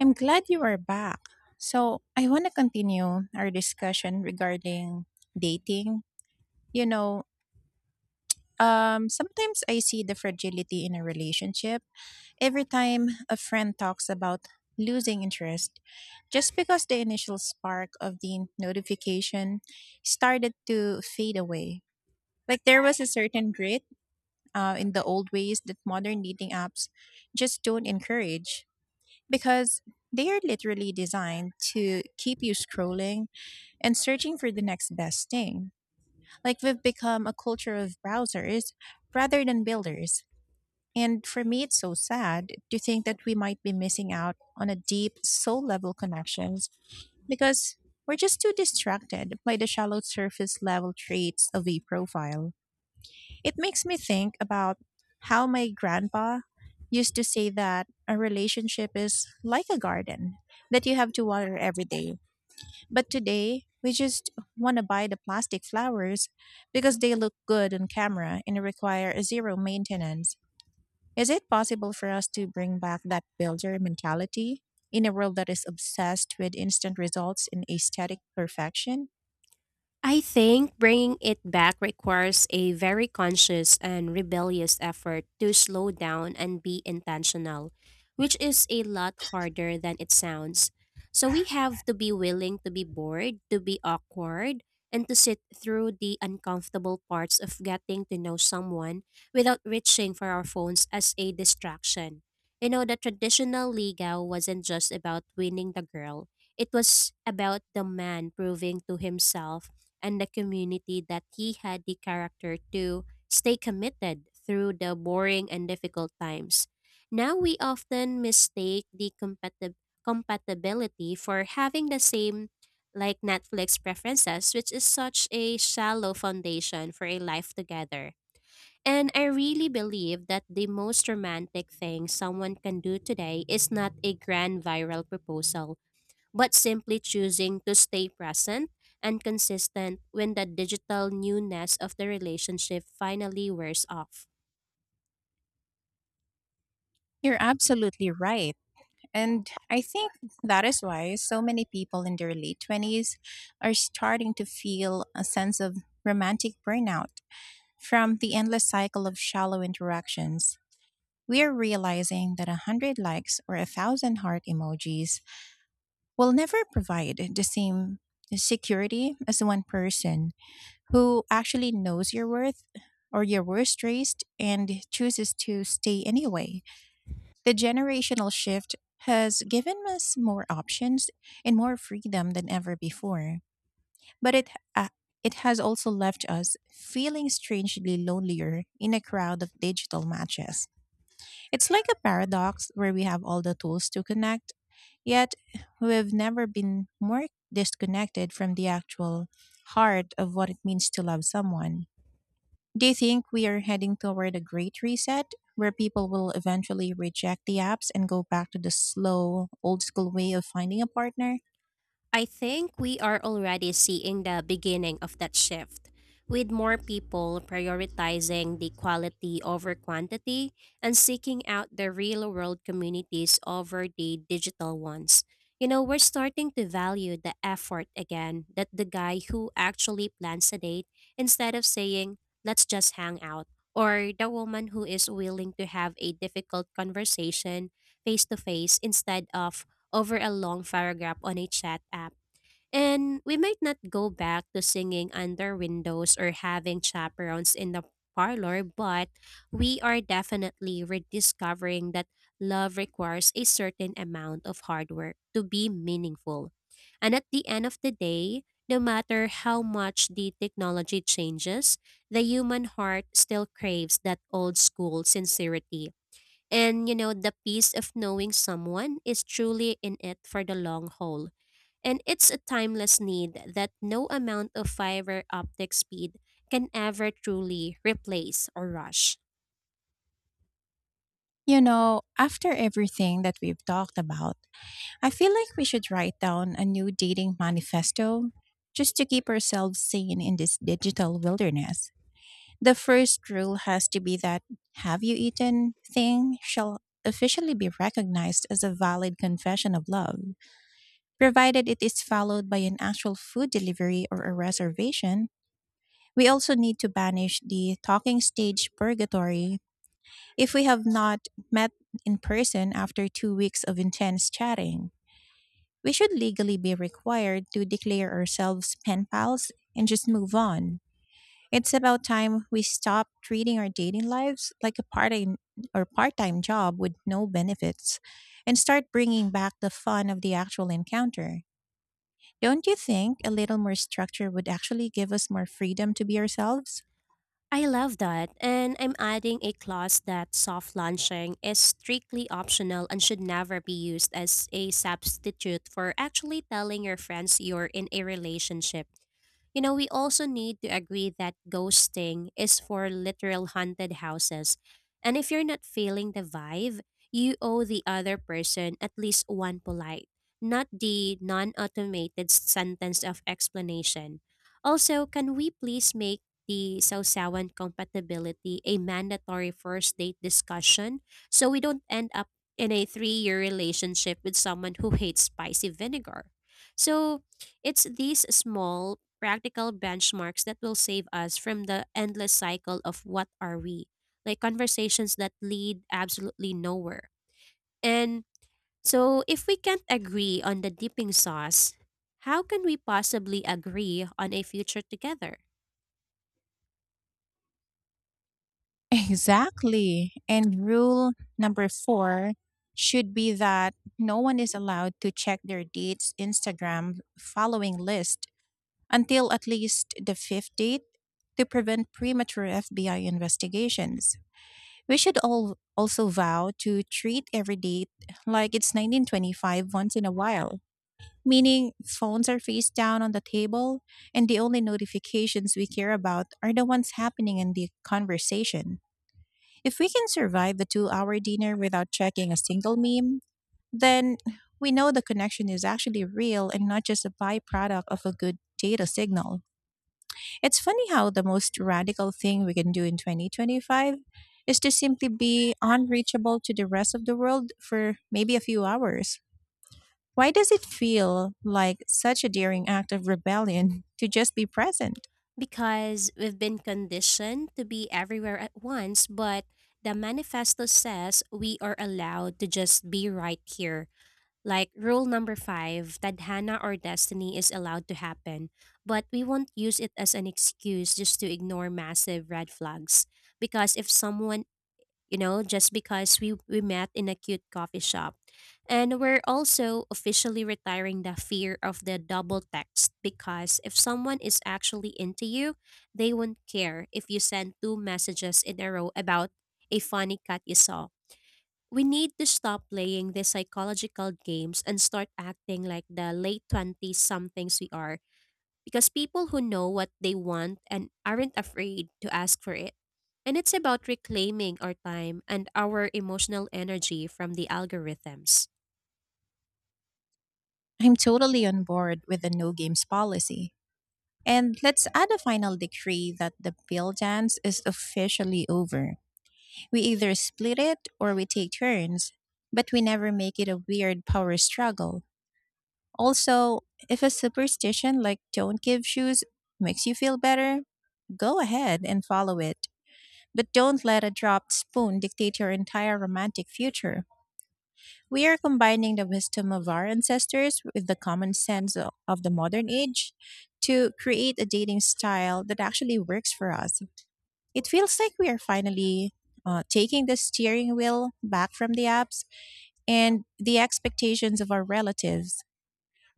I'm glad you are back. So, I want to continue our discussion regarding dating. You know, sometimes I see the fragility in a relationship every time a friend talks about losing interest just because the initial spark of the notification started to fade away. Like there was a certain grit in the old ways that modern dating apps just don't encourage because they are literally designed to keep you scrolling and searching for the next best thing. Like we've become a culture of browsers rather than builders. And for me, it's so sad to think that we might be missing out on a deep soul level connections because we're just too distracted by the shallow surface level traits of a profile. It makes me think about how my grandpa used to say that a relationship is like a garden that you have to water every day. But today, we just want to buy the plastic flowers because they look good on camera and require zero maintenance. Is it possible for us to bring back that builder mentality in a world that is obsessed with instant results and aesthetic perfection? I think bringing it back requires a very conscious and rebellious effort to slow down and be intentional, which is a lot harder than it sounds. So we have to be willing to be bored, to be awkward, and to sit through the uncomfortable parts of getting to know someone without reaching for our phones as a distraction. The traditional ligaw wasn't just about winning the girl. It was about the man proving to himself and the community that he had the character to stay committed through the boring and difficult times. Now we often mistake the compatibility for having the same like Netflix preferences, which is such a shallow foundation for a life together. And I really believe that the most romantic thing someone can do today is not a grand viral proposal but simply choosing to stay present and consistent when the digital newness of the relationship finally wears off. You're absolutely right. And I think that is why so many people in their late 20s are starting to feel a sense of romantic burnout from the endless cycle of shallow interactions. We are realizing that 100 likes or 1,000 heart emojis will never provide the same security as one person who actually knows your worth or your worst race and chooses to stay anyway. The generational shift has given us more options and more freedom than ever before, but uh, it has also left us feeling strangely lonelier in a crowd of digital matches. It's like a paradox where we have all the tools to connect, yet we've never been more disconnected from the actual heart of what it means to love someone. Do you think we are heading toward a great reset where people will eventually reject the apps and go back to the slow, old school way of finding a partner? I think we are already seeing the beginning of that shift, with more people prioritizing the quality over quantity and seeking out the real world communities over the digital ones. We're starting to value the effort again that the guy who actually plans a date instead of saying, let's just hang out, or the woman who is willing to have a difficult conversation face to face instead of over a long paragraph on a chat app. And we might not go back to singing under windows or having chaperones in the parlor, but we are definitely rediscovering that love requires a certain amount of hard work to be meaningful. And at the end of the day, no matter how much the technology changes, the human heart still craves that old school sincerity and the peace of knowing someone is truly in it for the long haul. And it's a timeless need that no amount of fiber optic speed can ever truly replace or rush. You know, after everything that we've talked about, I feel like we should write down a new dating manifesto just to keep ourselves sane in this digital wilderness. The first rule has to be that have you eaten thing shall officially be recognized as a valid confession of love. Provided it is followed by an actual food delivery or a reservation, we also need to banish the talking stage purgatory if we have not met in person after 2 weeks of intense chatting. We should legally be required to declare ourselves pen pals and just move on. It's about time we stop treating our dating lives like a part-time job with no benefits and start bringing back the fun of the actual encounter. Don't you think a little more structure would actually give us more freedom to be ourselves? I love that. And I'm adding a clause that soft launching is strictly optional and should never be used as a substitute for actually telling your friends you're in a relationship. We also need to agree that ghosting is for literal haunted houses. And if you're not feeling the vibe, you owe the other person at least one polite, not the non automated sentence of explanation. Also, can we please make the Sausawan compatibility a mandatory first date discussion so we don't end up in a 3-year relationship with someone who hates spicy vinegar? So, it's these small practical benchmarks that will save us from the endless cycle of what are we, like conversations that lead absolutely nowhere. And so, if we can't agree on the dipping sauce, how can we possibly agree on a future together? Exactly. And rule number four should be that no one is allowed to check their date's Instagram following list until at least the fifth date to prevent premature FBI investigations. We should all also vow to treat every date like it's 1925 once in a while. Meaning phones are face down on the table and the only notifications we care about are the ones happening in the conversation. If we can survive the 2 hour dinner without checking a single meme, then we know the connection is actually real and not just a byproduct of a good data signal. It's funny how the most radical thing we can do in 2025 is to simply be unreachable to the rest of the world for maybe a few hours. Why does it feel like such a daring act of rebellion to just be present? Because we've been conditioned to be everywhere at once, but the manifesto says we are allowed to just be right here. Like rule number five, tadhana or destiny is allowed to happen, but we won't use it as an excuse just to ignore massive red flags. Because if someone, just because we met in a cute coffee shop. And we're also officially retiring the fear of the double text because if someone is actually into you, they won't care if you send two messages in a row about a funny cat you saw. We need to stop playing these psychological games and start acting like the late 20s somethings we are because people who know what they want and aren't afraid to ask for it. And it's about reclaiming our time and our emotional energy from the algorithms. I'm totally on board with the no games policy. And let's add a final decree that the bill dance is officially over. We either split it or we take turns, but we never make it a weird power struggle. Also, if a superstition like don't give shoes makes you feel better, go ahead and follow it. But don't let a dropped spoon dictate your entire romantic future. We are combining the wisdom of our ancestors with the common sense of the modern age to create a dating style that actually works for us. It feels like we are finally taking the steering wheel back from the apps and the expectations of our relatives.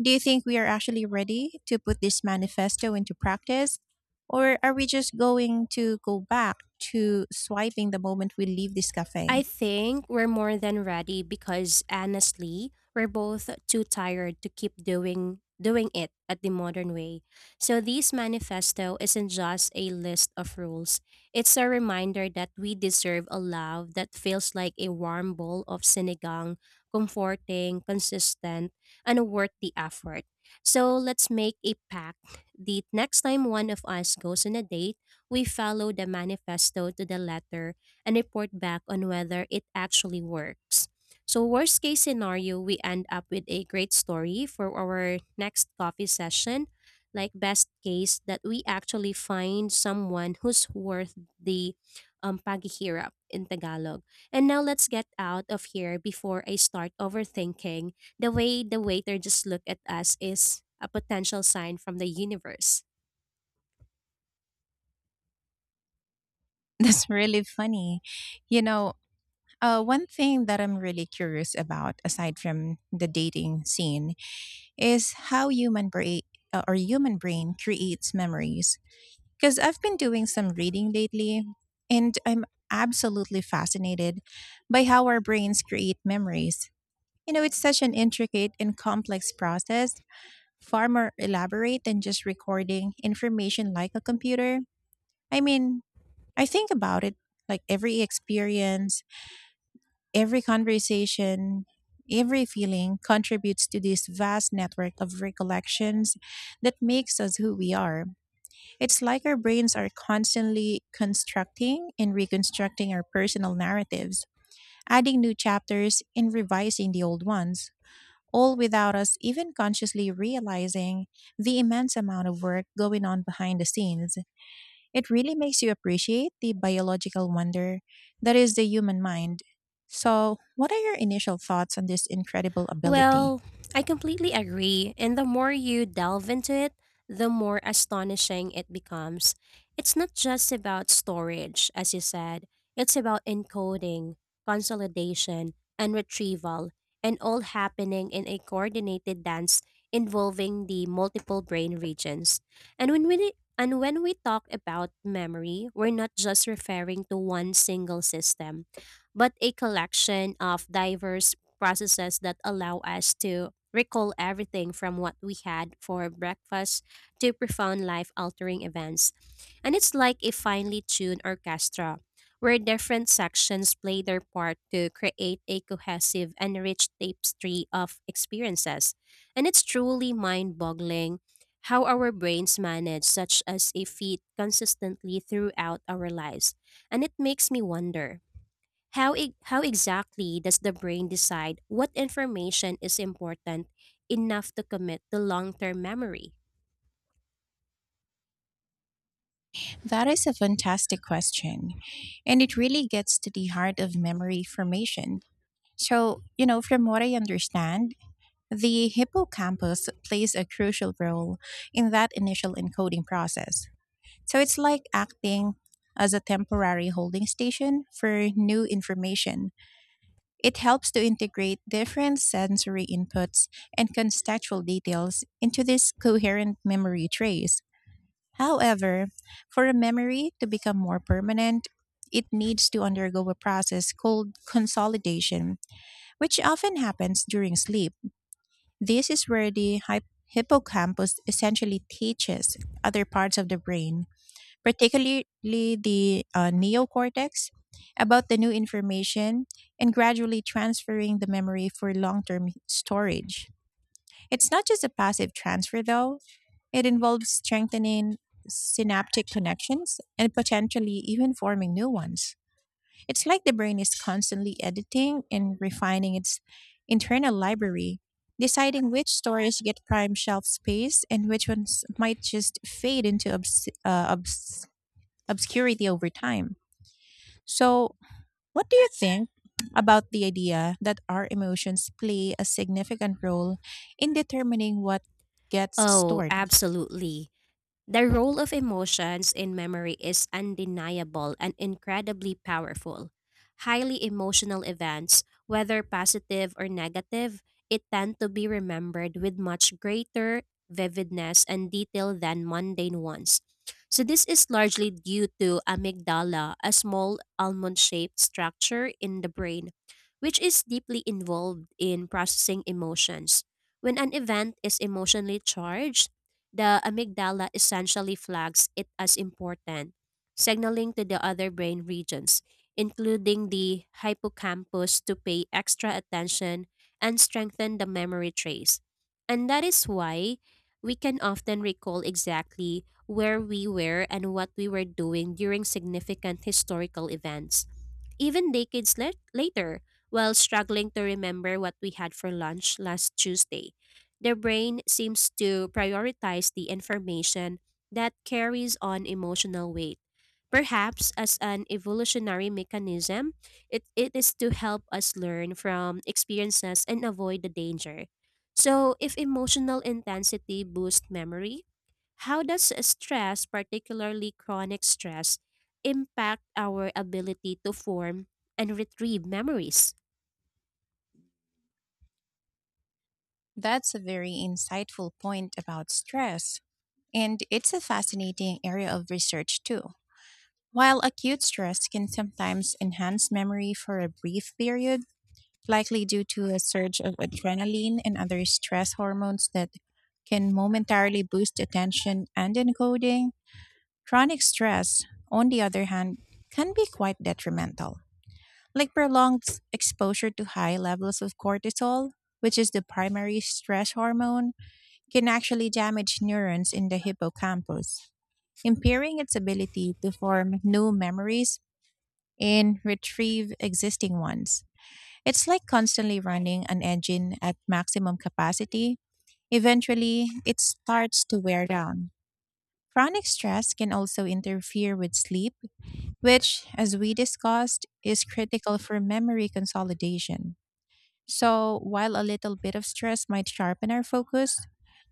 Do you think we are actually ready to put this manifesto into practice? Or are we just going to go back to swiping the moment we leave this I cafe? think we're more than ready because honestly, we're both too tired to keep doing it at the modern way. So this manifesto isn't just a list of rules. It's a reminder that we deserve a love that feels like a warm bowl of sinigang, comforting, consistent, and worth the effort. So let's make a pact. The next time one of us goes on a date, we follow the manifesto to the letter and report back on whether it actually works. So, worst case scenario, we end up with a great story for our next coffee session. Like, best case, that we actually find someone who's worth the paghihirap in Tagalog. And now let's get out of here before I start overthinking the way the waiter just looked at us is a potential sign from the universe. That's really funny. You know, one thing that I'm really curious about, aside from the dating scene, is how human brain creates memories. Because I've been doing some reading lately, and I'm absolutely fascinated by how our brains create memories. You know, it's such an intricate and complex process, far more elaborate than just recording information like a computer. I mean, I think about it like every experience, every conversation, every feeling contributes to this vast network of recollections that makes us who we are. It's like our brains are constantly constructing and reconstructing our personal narratives, adding new chapters and revising the old ones. All without us even consciously realizing the immense amount of work going on behind the scenes. It really makes you appreciate the biological wonder that is the human mind. So, what are your initial thoughts on this incredible ability? Well, I completely agree. And the more you delve into it, the more astonishing it becomes. It's not just about storage, as you said, it's about encoding, consolidation, and retrieval, and all happening in a coordinated dance involving the multiple brain regions. And when we and when we talk about memory, we're not just referring to one single system, but a collection of diverse processes that allow us to recall everything from what we had for breakfast to profound life altering events. And it's like a finely tuned orchestra where different sections play their part to create a cohesive and rich tapestry of experiences. And it's truly mind boggling how our brains manage such as a feat consistently throughout our lives. And it makes me wonder how exactly does the brain decide what information is important enough to commit to long term memory? That is a fantastic question. And it really gets to the heart of memory formation. So, you know, from what I understand, the hippocampus plays a crucial role in that initial encoding process. So it's like acting as a temporary holding station for new information. It helps to integrate different sensory inputs and contextual details into this coherent memory trace. However, for a memory to become more permanent, it needs to undergo a process called consolidation, which often happens during sleep. This is where the hippocampus essentially teaches other parts of the brain, particularly the neocortex, about the new information and gradually transferring the memory for long term storage. It's not just a passive transfer, though, it involves strengthening synaptic connections and potentially even forming new ones. It's like the brain is constantly editing and refining its internal library, deciding which stories get prime shelf space and which ones might just fade into obscurity over time. So, what do you think about the idea that our emotions play a significant role in determining what gets Oh, stored? absolutely. The role of emotions in memory is undeniable and incredibly powerful. Highly emotional events, whether positive or negative, it tend to be remembered with much greater vividness and detail than mundane ones. So this is largely due to amygdala, a small almond-shaped structure in the brain, which is deeply involved in processing emotions. When an event is emotionally charged, the amygdala essentially flags it as important, signaling to the other brain regions, including the hippocampus, to pay extra attention and strengthen the memory trace. And that is why we can often recall exactly where we were and what we were doing during significant historical events even decades later, while struggling to remember what we had for lunch last Tuesday. The brain seems to prioritize the information that carries on emotional weight. Perhaps as an evolutionary mechanism, it is to help us learn from experiences and avoid the danger. So, if emotional intensity boosts memory, how does stress, particularly chronic stress, impact our ability to form and retrieve memories? That's a very insightful point about stress, and it's a fascinating area of research too. While acute stress can sometimes enhance memory for a brief period, likely due to a surge of adrenaline and other stress hormones that can momentarily boost attention and encoding, chronic stress, on the other hand, can be quite detrimental, like prolonged exposure to high levels of cortisol, which is the primary stress hormone, can actually damage neurons in the hippocampus, impairing its ability to form new memories and retrieve existing ones. It's like constantly running an engine at maximum capacity. Eventually, it starts to wear down. Chronic stress can also interfere with sleep which, as we discussed, is critical for memory consolidation. So, while a little bit of stress might sharpen our focus,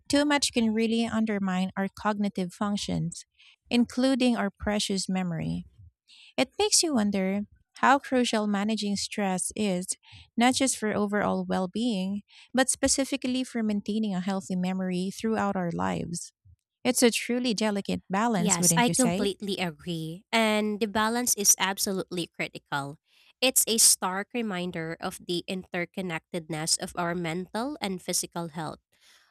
too much can really undermine our cognitive functions, including our precious memory. It makes you wonder how crucial managing stress is, not just for overall well being, but specifically for maintaining a healthy memory throughout our lives. It's a truly delicate balance, Yes, wouldn't I you say? completely agree. And the balance is absolutely critical. It's a stark reminder of the interconnectedness of our mental and physical health.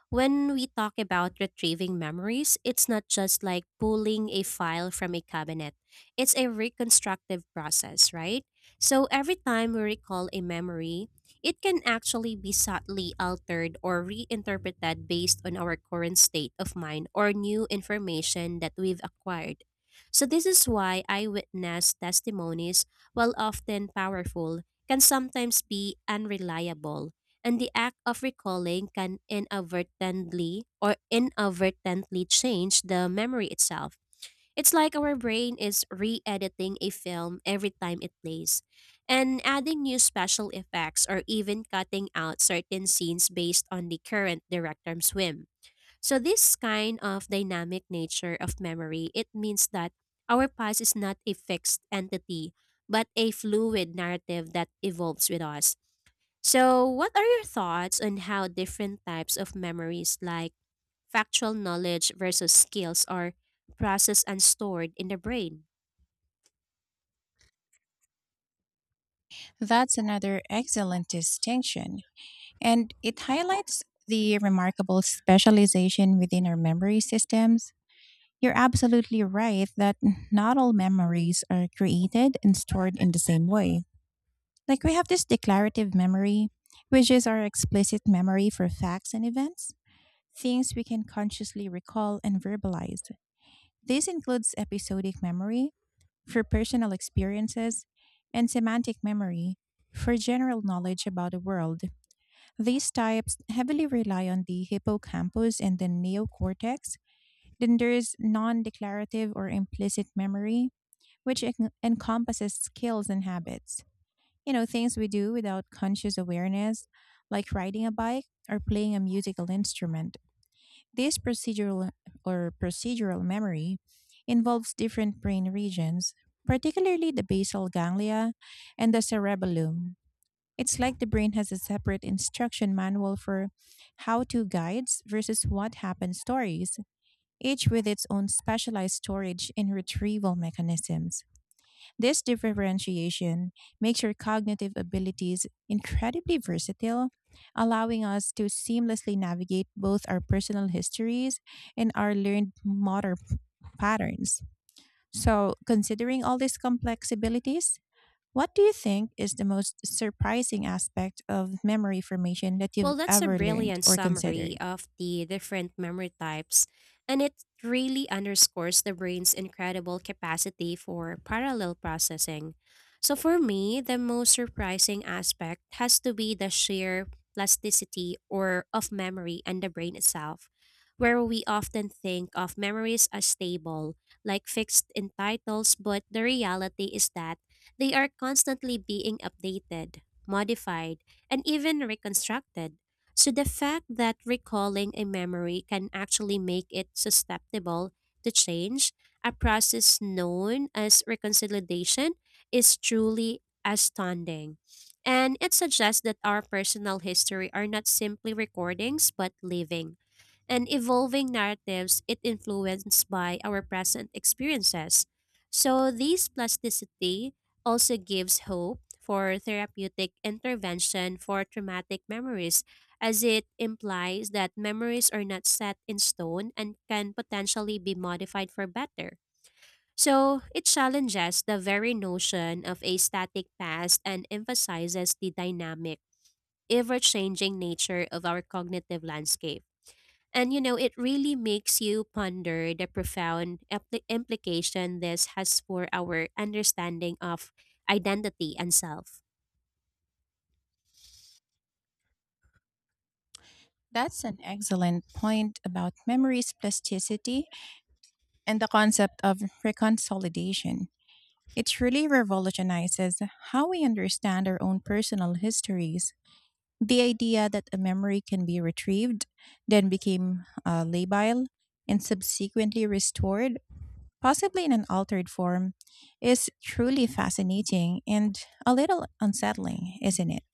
When we talk about retrieving memories, it's not just like pulling a file from a cabinet. It's a reconstructive process, right? So every time we recall a memory, it can actually be subtly altered or reinterpreted based on our current state of mind or new information that we've acquired. So, this is why eyewitness testimonies, while often powerful, can sometimes be unreliable, and the act of recalling can inadvertently change the memory itself. It's like our brain is re editing a film every time it plays, and adding new special effects or even cutting out certain scenes based on the current director's whim. So, this kind of dynamic nature of memory, it means that our past is not a fixed entity, but a fluid narrative that evolves with us. So, what are your thoughts on how different types of memories like factual knowledge versus skills are processed and stored in the brain. That's another excellent distinction, and it highlights the remarkable specialization within our memory systems. You're absolutely right that not all memories are created and stored in the same way. Like we have this declarative memory, which is our explicit memory for facts and events, things we can consciously recall and verbalize. This includes episodic memory, for personal experiences, and semantic memory for general knowledge about the world. These types heavily rely on the hippocampus and the neocortex. Then there's non declarative or implicit memory, which encompasses skills and habits. You know, things we do without conscious awareness, like riding a bike or playing a musical instrument. This procedural memory involves different brain regions, particularly the basal ganglia and the cerebellum. It's like the brain has a separate instruction manual for how to guides versus what happened stories, each with its own specialized storage and retrieval mechanisms. This differentiation makes your cognitive abilities incredibly versatile, allowing us to seamlessly navigate both our personal histories and our learned motor patterns. So, considering all these complex abilities, what do you think is the most surprising aspect of memory formation that you've Well, that's a ever learned brilliant or summary considered? of the different memory types, and it really underscores the brain's incredible capacity for parallel processing. So, for me, the most surprising aspect has to be the sheer plasticity or of memory and the brain itself, where we often think of memories as stable, like fixed in titles, but the reality is that they are constantly being updated, modified and even reconstructed. So the fact that recalling a memory can actually make it susceptible to change, a process known as reconciliation, is truly astounding. And it suggests that our personal history are not simply recordings but living and evolving narratives it influenced by our present experiences. So this plasticity also gives hope for therapeutic intervention for traumatic memories as it implies that memories are not set in stone and can potentially be modified for better. So it challenges the very notion of a static past and emphasizes the dynamic, ever changing nature of our cognitive landscape. And it really makes you ponder the profound implication this has for our understanding of identity and self. That's an excellent point about memory's plasticity and the concept of reconsolidation. It truly revolutionizes how we understand our own personal histories. The idea that a memory can be retrieved, then became labile, and subsequently restored, possibly in an altered form, is truly fascinating and a little unsettling, isn't it?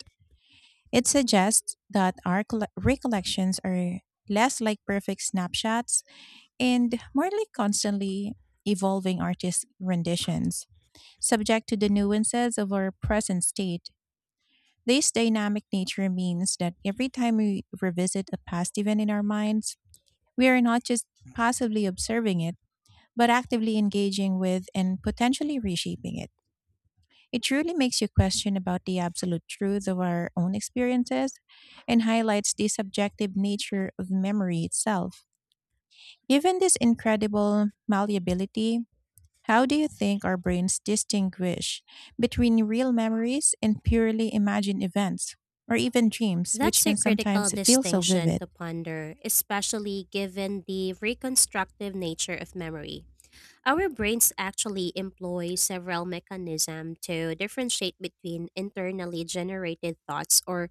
It suggests that our recollections are less like perfect snapshots and more like constantly evolving artist renditions subject to the nuances of our present state. This dynamic nature means that every time we revisit a past event in our minds, we are not just passively observing it, but actively engaging with and potentially reshaping it. It truly makes you question about the absolute truth of our own experiences and highlights the subjective nature of memory itself. Given this incredible malleability, how do you think our brains distinguish between real memories and purely imagined events, or even dreams, which That's a can critical sometimes feel so distinction vivid? to ponder, especially given the reconstructive nature of memory. Our brains actually employ several mechanisms to differentiate between internally generated thoughts or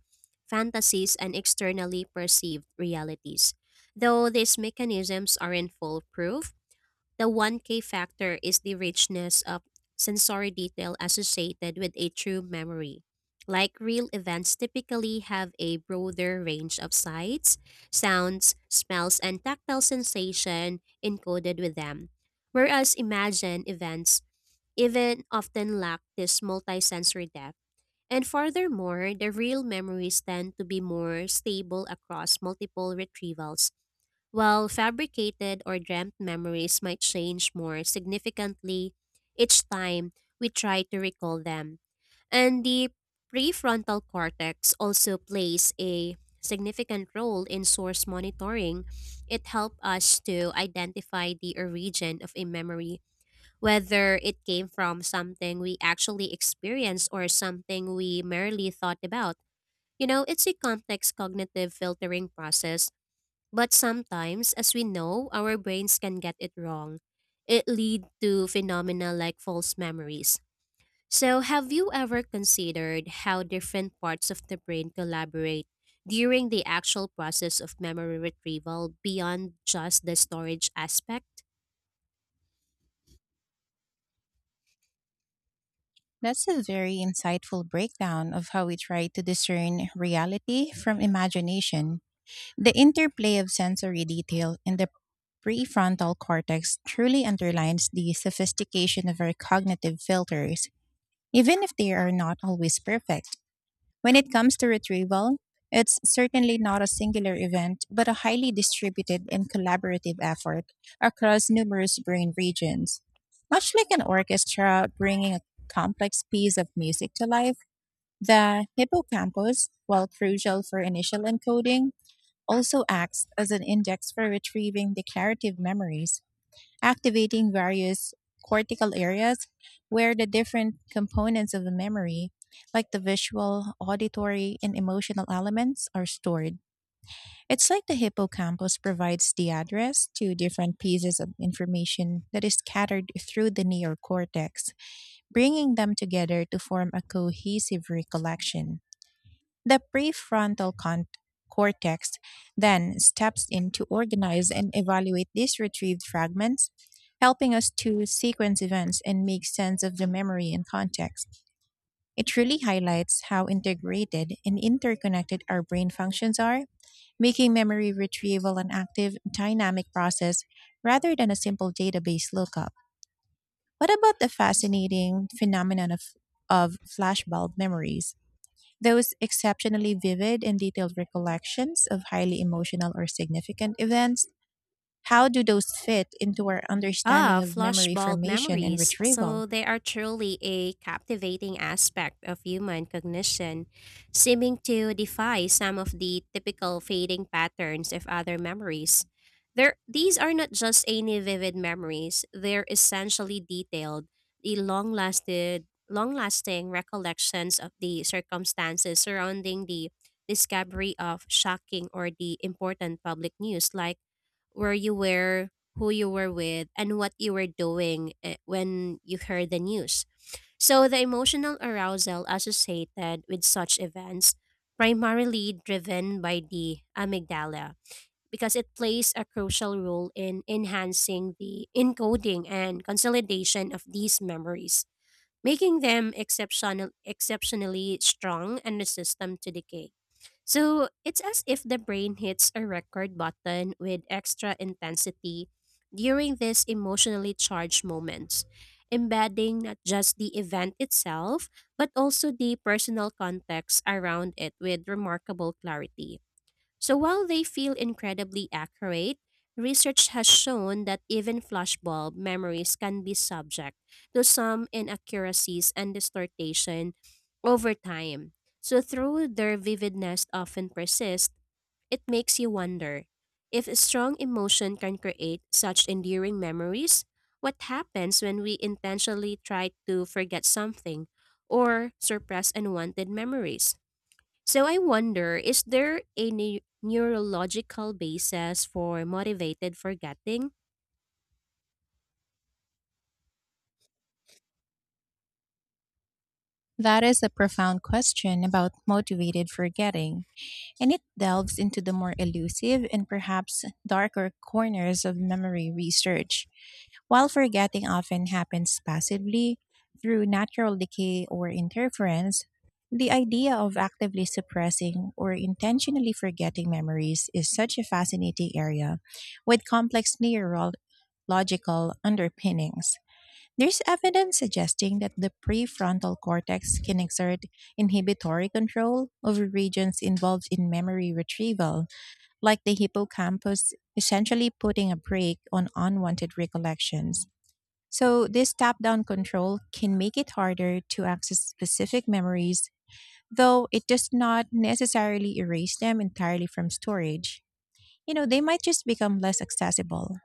fantasies and externally perceived realities. Though these mechanisms aren't foolproof, the 1K factor is the richness of sensory detail associated with a true memory. Like real events typically have a broader range of sights, sounds, smells, and tactile sensation encoded with them. Whereas imagined events even often lack this multisensory depth. And furthermore, the real memories tend to be more stable across multiple retrievals while fabricated or dreamt memories might change more significantly each time we try to recall them, and the prefrontal cortex also plays a significant role in source monitoring. It helps us to identify the origin of a memory, whether it came from something we actually experienced or something we merely thought about. It's a complex cognitive filtering process but sometimes, as we know, our brains can get it wrong. It lead to phenomena like false memories. So, have you ever considered how different parts of the brain collaborate during the actual process of memory retrieval beyond just the storage aspect? That's a very insightful breakdown of how we try to discern reality from imagination. The interplay of sensory detail in the prefrontal cortex truly underlines the sophistication of our cognitive filters, even if they are not always perfect. When it comes to retrieval, it's certainly not a singular event, but a highly distributed and collaborative effort across numerous brain regions. Much like an orchestra bringing a complex piece of music to life, the hippocampus, while crucial for initial encoding, also acts as an index for retrieving declarative memories activating various cortical areas where the different components of the memory, like the visual, auditory, and emotional elements, are stored. It's like the hippocampus provides the address to different pieces of information that is scattered through the neocortex, bringing them together to form a cohesive recollection. The prefrontal cortex then steps in to organize and evaluate these retrieved fragments, helping us to sequence events and make sense of the memory and context. It really highlights how integrated and interconnected our brain functions are, making memory retrieval an active, dynamic process rather than a simple database lookup. What about the fascinating phenomenon of flashbulb memories? Those exceptionally vivid and detailed recollections of highly emotional or significant events, how do those fit into our Ah, understanding of memory flashbulb formation and memories. retrieval? So they are truly a captivating aspect of human cognition, seeming to defy some of the typical fading patterns of other memories. These are not just any vivid memories; they're essentially detailed, the long-lasting recollections of the circumstances surrounding the discovery of shocking or the important public news, like where you were, who you were with, and what you were doing when you heard the news. So, the emotional arousal associated with such events, primarily driven by the amygdala, because it plays a crucial role in enhancing the encoding and consolidation of these memories, making them exceptionally strong and resistant to decay. So it's as if the brain hits a record button with extra intensity during these emotionally charged moments, embedding not just the event itself, but also the personal context around it with remarkable clarity. So while they feel incredibly accurate, research has shown that even flashbulb memories can be subject to some inaccuracies and distortion over time. So through their vividness often persists, it makes you wonder if a strong emotion can create such enduring memories, what happens when we intentionally try to forget something or suppress unwanted memories? So I wonder, is there a neurological basis for motivated forgetting? That is a profound question about motivated forgetting, and it delves into the more elusive and perhaps darker corners of memory research. While forgetting often happens passively through natural decay or interference, the idea of actively suppressing or intentionally forgetting memories is such a fascinating area with complex neurological underpinnings. There's evidence suggesting that the prefrontal cortex can exert inhibitory control over regions involved in memory retrieval, like the hippocampus, essentially putting a brake on unwanted recollections. So, this top down control can make it harder to access specific memories, though it does not necessarily erase them entirely from storage. You know, they might just become less accessible.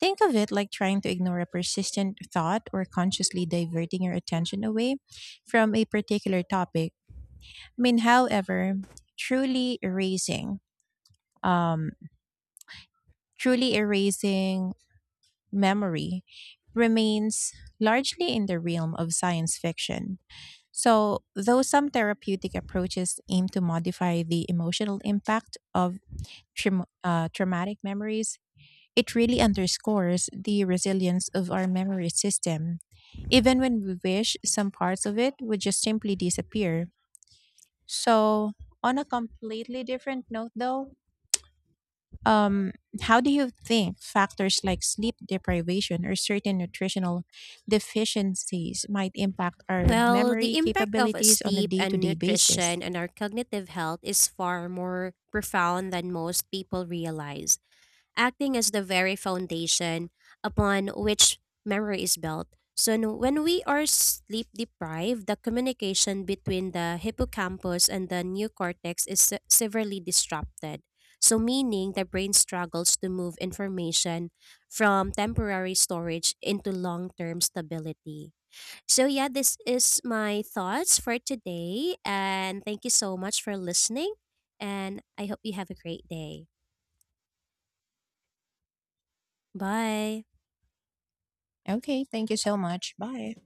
Think of it like trying to ignore a persistent thought or consciously diverting your attention away from a particular topic. I mean, however, truly erasing, um, truly erasing memory remains largely in the realm of science fiction. So, though some therapeutic approaches aim to modify the emotional impact of traumatic memories, it really underscores the resilience of our memory system. Even when we wish, some parts of it would just simply disappear. So, on a completely different note, though, um, how do you think factors like sleep deprivation or certain nutritional deficiencies might impact our Well, memory the impact of capabilities on a sleep day to and day basis? nutrition on our cognitive health is far more profound than most people realize. Acting as the very foundation upon which memory is built. So, when we are sleep deprived, the communication between the hippocampus and the neocortex is severely disrupted. So, meaning the brain struggles to move information from temporary storage into long term stability. So, yeah, this is my thoughts for today. And thank you so much for listening. And I hope you have a great day. Bye. Okay, thank you so much. Bye.